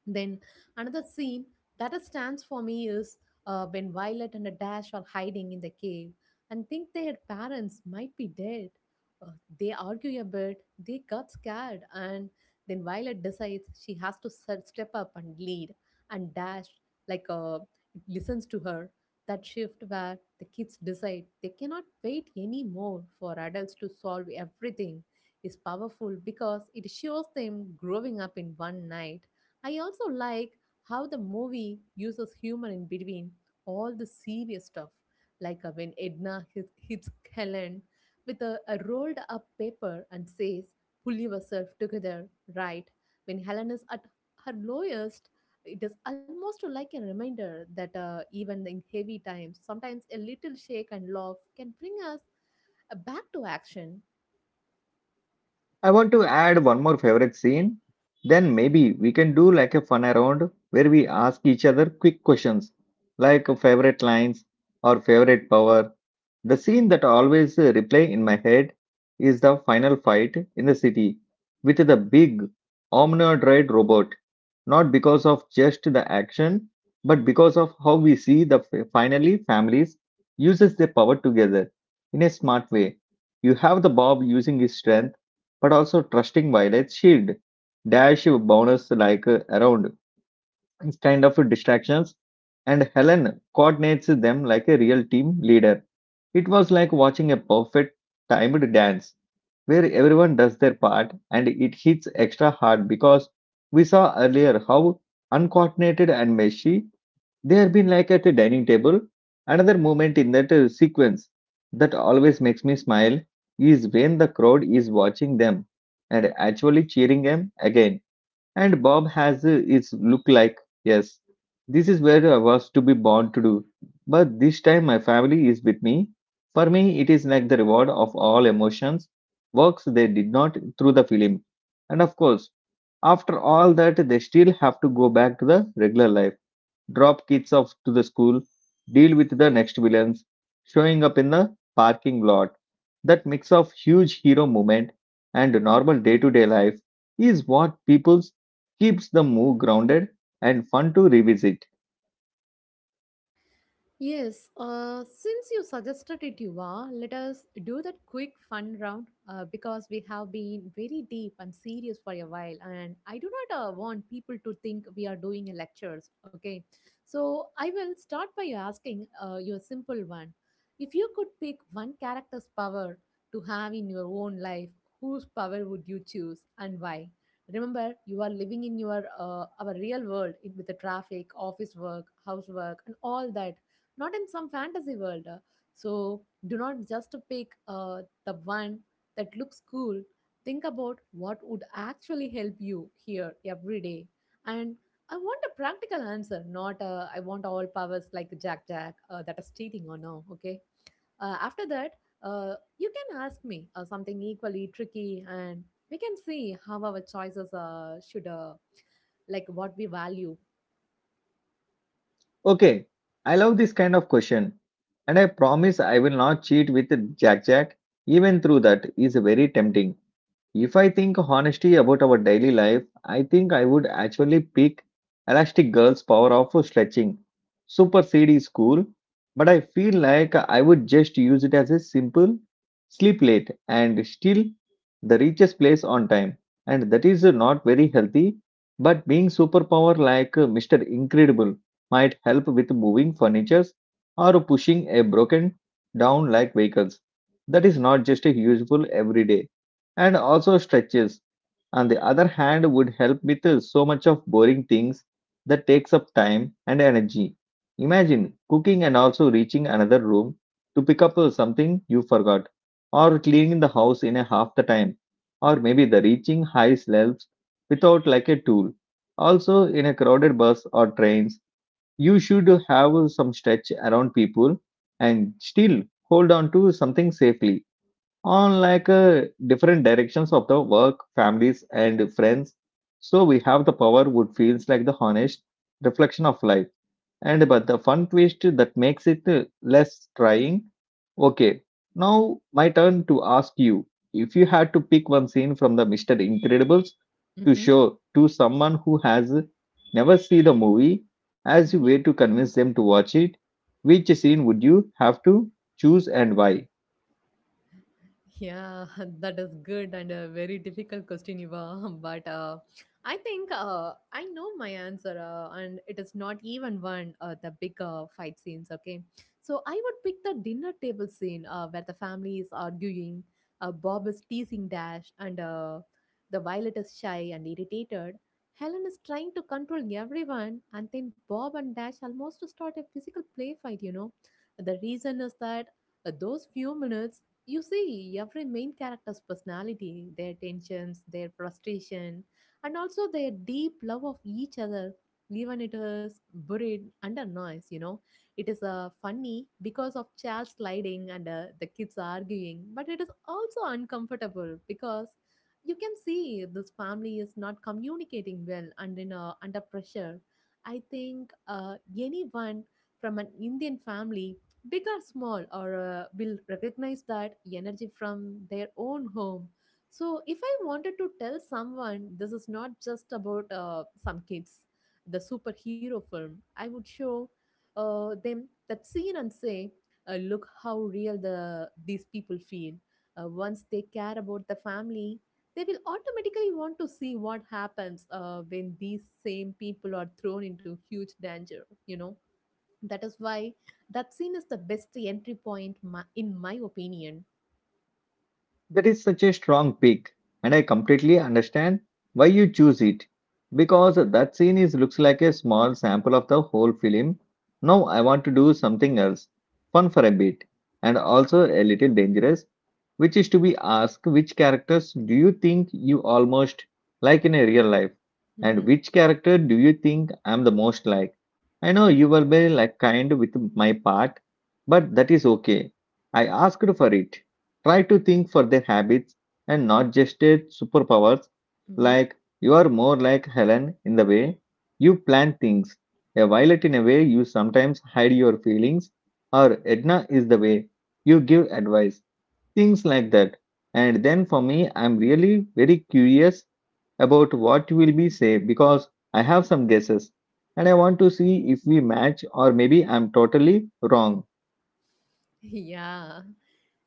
[SPEAKER 2] then another scene that stands for me is when Violet and Dash are hiding in the cave and think their parents might be dead. Uh, they argue a bit, they got scared, and then Violet decides she has to step up and lead. And Dash, like, uh, listens to her. That shift where the kids decide they cannot wait anymore for adults to solve everything is powerful because it shows them growing up in one night. I also like how the movie uses humor in between all the serious stuff, like when Edna hits Helen with a rolled up paper and says, Pull yourself together, right? When Helen is at her lowest, it is almost like a reminder that even in heavy times, sometimes a little shake and laugh can bring us back to action.
[SPEAKER 1] I want to add one more favorite scene. Then maybe we can do like a fun around where we ask each other quick questions like favorite lines or favorite power. The scene that always replay in my head is the final fight in the city with the big omnidroid robot. Not because of just the action, but because of how we see the finally families uses their power together in a smart way. You have the Bob using his strength, but also trusting Violet's shield. Dash bonus like around kind of distractions, and Helen coordinates them like a real team leader. It was like watching a perfect timed dance where everyone does their part, and it hits extra hard because we saw earlier how uncoordinated and messy they have been like at a dining table. Another moment in that sequence that always makes me smile is when the crowd is watching them and actually cheering them again, and Bob has its look like, yes, this is where I was to be born to do. But this time my family is with me. For me, it is like the reward of all emotions, works they did not through the film. And of course, after all that, they still have to go back to the regular life, drop kids off to the school, deal with the next villains, showing up in the parking lot. That mix of huge hero moment and normal day to day life is what people's keeps the move grounded and fun to revisit.
[SPEAKER 2] Yes, since you suggested it, Yuva, let us do that quick fun round because we have been very deep and serious for a while, and I do not want people to think we are doing lectures. Okay, so I will start by asking you a simple one. If you could pick one character's power to have in your own life, whose power would you choose and why? Remember, you are living in your our real world with the traffic, office work, housework, and all that not in some fantasy world. So do not just pick the one that looks cool. Think about what would actually help you here every day. And I want a practical answer, not I want all powers like Jack Jack that is cheating or no. Okay. After that, you can ask me something equally tricky, and we can see how our choices should like what we value.
[SPEAKER 1] Okay, I love this kind of question, and I promise I will not cheat with Jack Jack, even through that is very tempting. If I think honestly about our daily life, I think I would actually pick Elastic Girl's power of stretching. Super seed is cool, but I feel like I would just use it as a simple sleep late and still the richest place on time. And that is not very healthy, but being superpower like Mr. Incredible might help with moving furnitures or pushing a broken down like vehicles. That is not just useful every day, and also stretches on the other hand would help with so much of boring things that takes up time and energy. Imagine cooking and also reaching another room to pick up something you forgot, or cleaning the house in a half the time, or maybe the reaching high slopes without like a tool. Also in a crowded bus or trains you should have some stretch around people and still hold on to something safely on like different directions of the work families and friends. So we have the power would feels like the honest reflection of life and but the fun twist that makes it less trying. Okay, now my turn to ask you, if you had to pick one scene from the Mr. Incredibles to
[SPEAKER 2] Mm-hmm.
[SPEAKER 1] show to someone who has never seen the movie as a
[SPEAKER 2] Mm-hmm.
[SPEAKER 1] way to convince them to watch it, which scene would you have to choose and why?
[SPEAKER 2] Yeah, that is good and a very difficult question, Eva. But I think I know my answer, and it is not even one the big fight scenes. Okay, so I would pick the dinner table scene where the family is arguing, Bob is teasing Dash, and the Violet is shy and irritated. Helen is trying to control everyone, and then Bob and Dash almost start a physical play fight. You know, the reason is that those few minutes you see, every main character's personality, their tensions, their frustration, and also their deep love of each other, even it is buried under noise, you know. It is funny because of chair sliding and the kids arguing, but it is also uncomfortable because you can see this family is not communicating well and under pressure. I think anyone from an Indian family big or small, or will recognize that energy from their own home. So, if I wanted to tell someone this is not just about some kids, the superhero film, I would show them that scene and say, look how real the these people feel. Once they care about the family, they will automatically want to see what happens when these same people are thrown into huge danger. You know that is why that scene is the best entry point, my, in my opinion.
[SPEAKER 1] That is such a strong pick, and I completely understand why you choose it. Because that scene is looks like a small sample of the whole film. Now I want to do something else, fun for a bit, and also a little dangerous, which is to be asked which characters do you think you almost like in a real life, and
[SPEAKER 2] Mm-hmm.
[SPEAKER 1] which character do you think I'm the most like? I know you were very like kind with my part, but that is okay. I asked for it. Try to think for their habits and not just their superpowers.
[SPEAKER 2] Mm-hmm.
[SPEAKER 1] Like you are more like Helen in the way you plan things, a Violet in a way you sometimes hide your feelings, or Edna is the way you give advice, things like that. And then for me, I'm really very curious about what you will be say, because I have some guesses and I want to see if we match or maybe I'm totally wrong.
[SPEAKER 2] Yeah.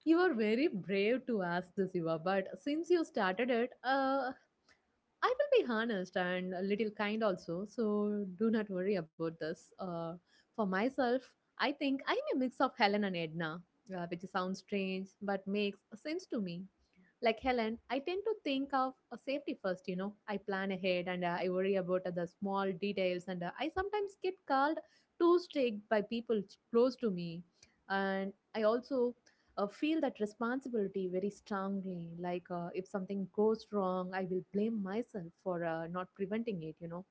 [SPEAKER 2] You are very brave to ask this, Eva, but since you started it, I will be honest and a little kind also, so do not worry about this. For myself, I think I am a mix of Helen and Edna, which sounds strange but makes sense to me. Like Helen, I tend to think of a safety first, you know. I plan ahead and I worry about the small details, and I sometimes get called too strict by people close to me. And I also feel that responsibility very strongly. Like if something goes wrong, I will blame myself for not preventing it, you know.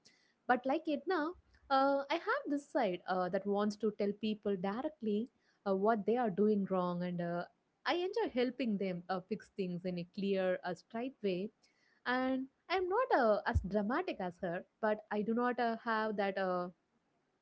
[SPEAKER 2] But like Edna, I have this side that wants to tell people directly what they are doing wrong, and I enjoy helping them fix things in a clear, straight way. And I'm not as dramatic as her, but I do not have that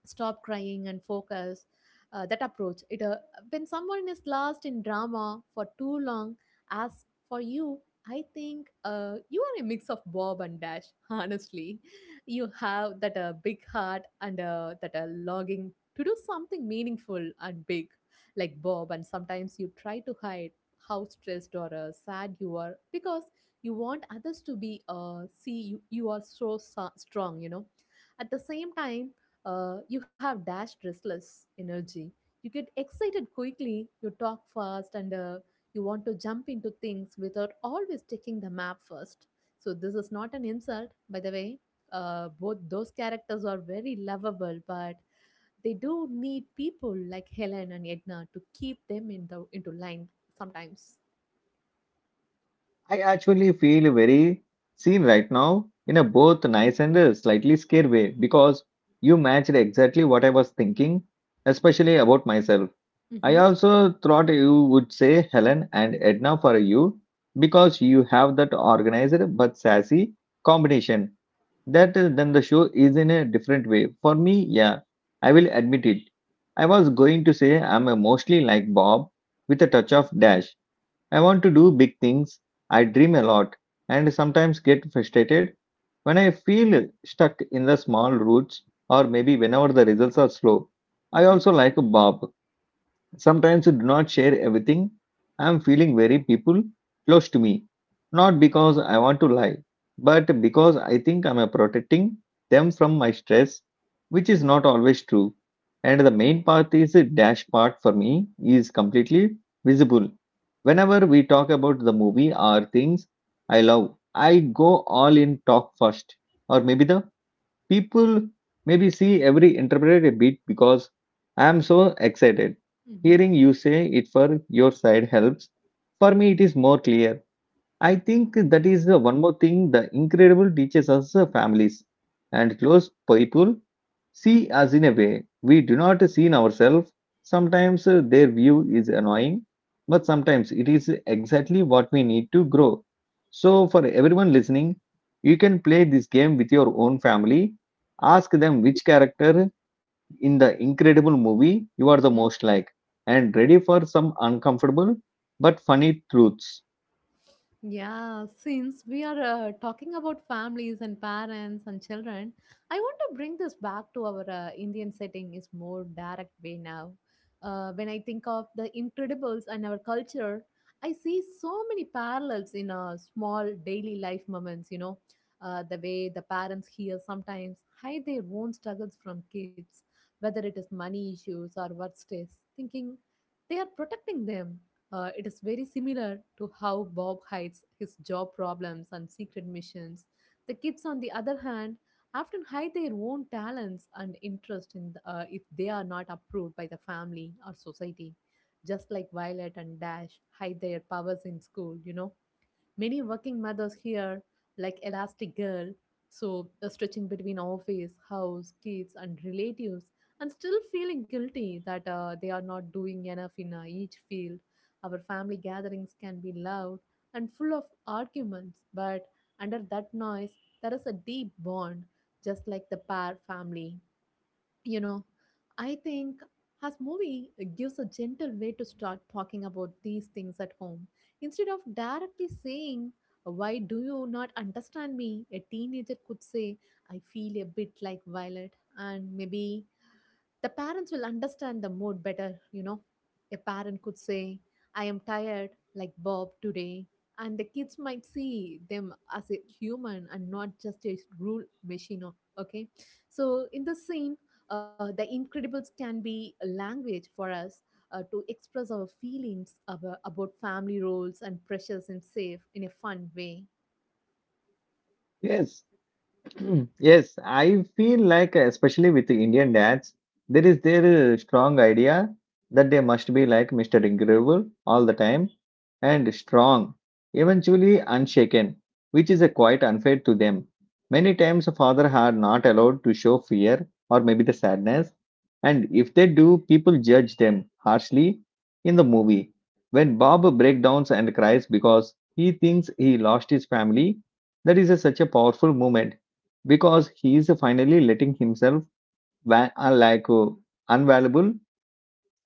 [SPEAKER 2] stop crying and focus that approach it when someone is lost in drama for too long. As for you, I think you are a mix of Bob and Dash, honestly. You have that big heart and that longing to do something meaningful and big like Bob, and sometimes you try to hide how stressed or sad you are because you want others to be see you, you are so strong, you know. At the same time, you have Dash restless energy. You get excited quickly, you talk fast, and you want to jump into things without always checking the map first. So, this is not an insult, by the way. Both those characters are very lovable, but they do need people like Helen and Edna to keep them in into line sometimes.
[SPEAKER 1] I actually feel very seen right now in a both nice and a slightly scared way because you matched exactly what I was thinking, especially about myself. I
[SPEAKER 2] Mm-hmm.
[SPEAKER 1] also thought you would say Helen and Edna for you because you have that organized but sassy combination. That then the show is in a different way. For me, yeah, I will admit it. I was going to say I'm a mostly like Bob with a touch of Dash. I want to do big things, I dream a lot, and sometimes get frustrated when I feel stuck in the small routes, or maybe whenever the results are slow. I
[SPEAKER 2] Mm-hmm.
[SPEAKER 1] also like Bob. Sometimes you do not share everything. I am feeling very people close to me. Not because I want to lie, but because I think I am protecting them from my stress, which is not always true. And the main part is the Dash part for me is completely visible. Whenever we talk about the movie or things I love, I go all in talk first, or maybe the people maybe see every interpret a bit because I'm so excited.
[SPEAKER 2] Mm-hmm.
[SPEAKER 1] Hearing you say it for your side helps. For me, it is more clear. I think that is the one more thing the incredible teaches us, families and close people see us in a way we do not see in ourselves. Sometimes their view is annoying, but sometimes it is exactly what we need to grow. So, for everyone listening, you can play this game with your own family. Ask them which character in the incredible movie you are the most like, and ready for some uncomfortable but funny truths.
[SPEAKER 2] Yeah, since we are talking about families and parents and children, I want to bring this back to our Indian setting is more direct way now. When I think of the Incredibles and our culture, I see so many parallels in small daily life moments. You know, the way the parents here sometimes hide their own struggles from kids, whether it is money issues or work stress, thinking they are protecting them it is very similar to how Bob hides his job problems and secret missions. The kids, on the other hand, often hide their own talents and interest in the, if they are not approved by the family or society, just like Violet and Dash hide their powers in school, you know. Many working mothers here, like Elastic Girl, so stretching between office, house, kids, and relatives, and still feeling guilty that they are not doing enough in each field. Our family gatherings can be loud and full of arguments, but under that noise, there is a deep bond, just like the Parr family, you know. I think as movie gives a gentle way to start talking about these things at home instead of directly saying why do you not understand me, a teenager could say I feel a bit like Violet and maybe the parents will understand the mood better, you know. A parent could say, I am tired, like Bob today, and the kids might see them as a human and not just a rule machine, okay? So, in the scene, the Incredibles can be a language for us to express our feelings about family roles and pressures in safe in a fun way.
[SPEAKER 1] Yes. Yes, I feel like, especially with the Indian dads, there is their strong idea that they must be like Mr. Incredible all the time and strong, eventually unshaken, which is quite unfair to them. Many times, a father are not allowed to show fear or maybe the sadness, and if they do, people judge them harshly in the movie. When Bob breakdowns and cries because he thinks he lost his family, that is a, such a powerful moment because he is finally letting himself like unvaluable.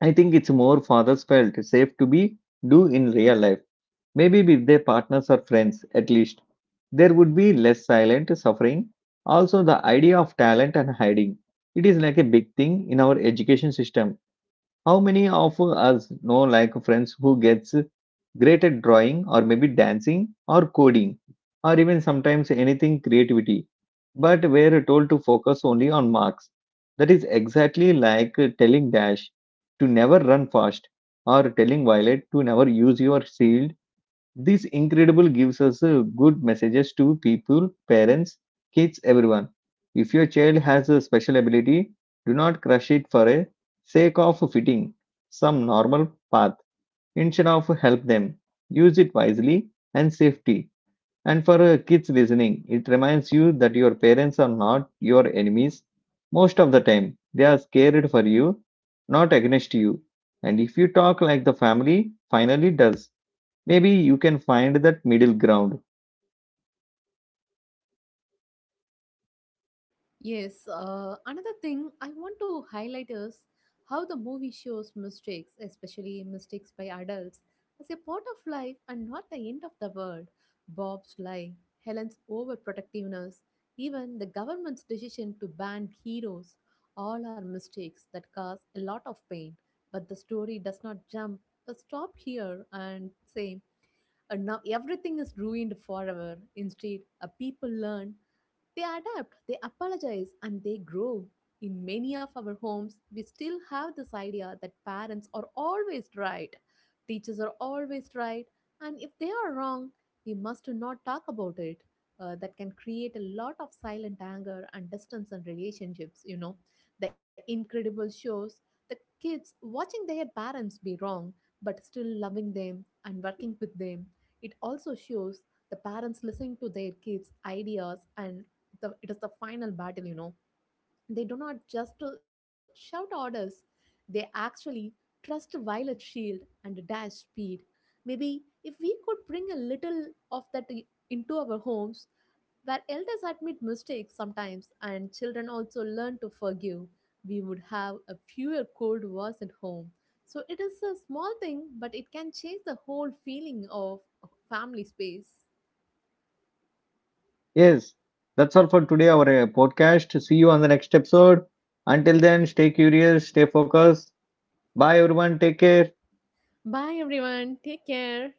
[SPEAKER 1] I think it's more fathers felt safe to be do in real life. Maybe with their partners or friends, at least there would be less silent suffering. Also, the idea of talent and hiding it is like a big thing in our education system. How many of us know like friends who gets great at drawing or maybe dancing or coding or even sometimes anything creativity, but were told to focus only on marks. That is exactly like telling Dash to never run fast or telling Violet to never use your shield. This incredible gives us good messages to people, parents, kids, everyone. If your child has a special ability, do not crush it for a sake of fitting some normal path. Instead of help them, use it wisely and safety. And for kids listening, it reminds you that your parents are not your enemies. Most of the time, they are scared for you, not against you. And if you talk like the family finally does, maybe you can find that middle ground.
[SPEAKER 2] Yes, another thing I want to highlight is how the movie shows mistakes, especially mistakes by adults, as a part of life and not the end of the world. Bob's lie, Helen's overprotectiveness, even the government's decision to ban heroes all are mistakes that cause a lot of pain. But the story does not jump, stop here and say, and now everything is ruined forever. Instead, people learn they adapt, they apologize, and they grow. In many of our homes, we still have this idea that parents are always right, teachers are always right, and if they are wrong, we must not talk about it. That can create a lot of silent anger and distance in relationships, you know. The incredible shows the kids watching their parents be wrong but still loving them and working with them. It also shows the parents listening to their kids' ideas and the it is the final battle, you know. They do not just shout orders, they actually trust Violet shield and Dash speed. Maybe if we could bring a little of that into our homes where elders admit mistakes sometimes and children also learn to forgive, we would have a fewer cold wars at home. So it is a small thing, but it can change the whole feeling of family space.
[SPEAKER 1] Yes, that's all for today, our podcast. See you on the next episode. Until then, stay curious, stay focused. Bye, everyone. Take care.
[SPEAKER 2] Bye everyone, take care.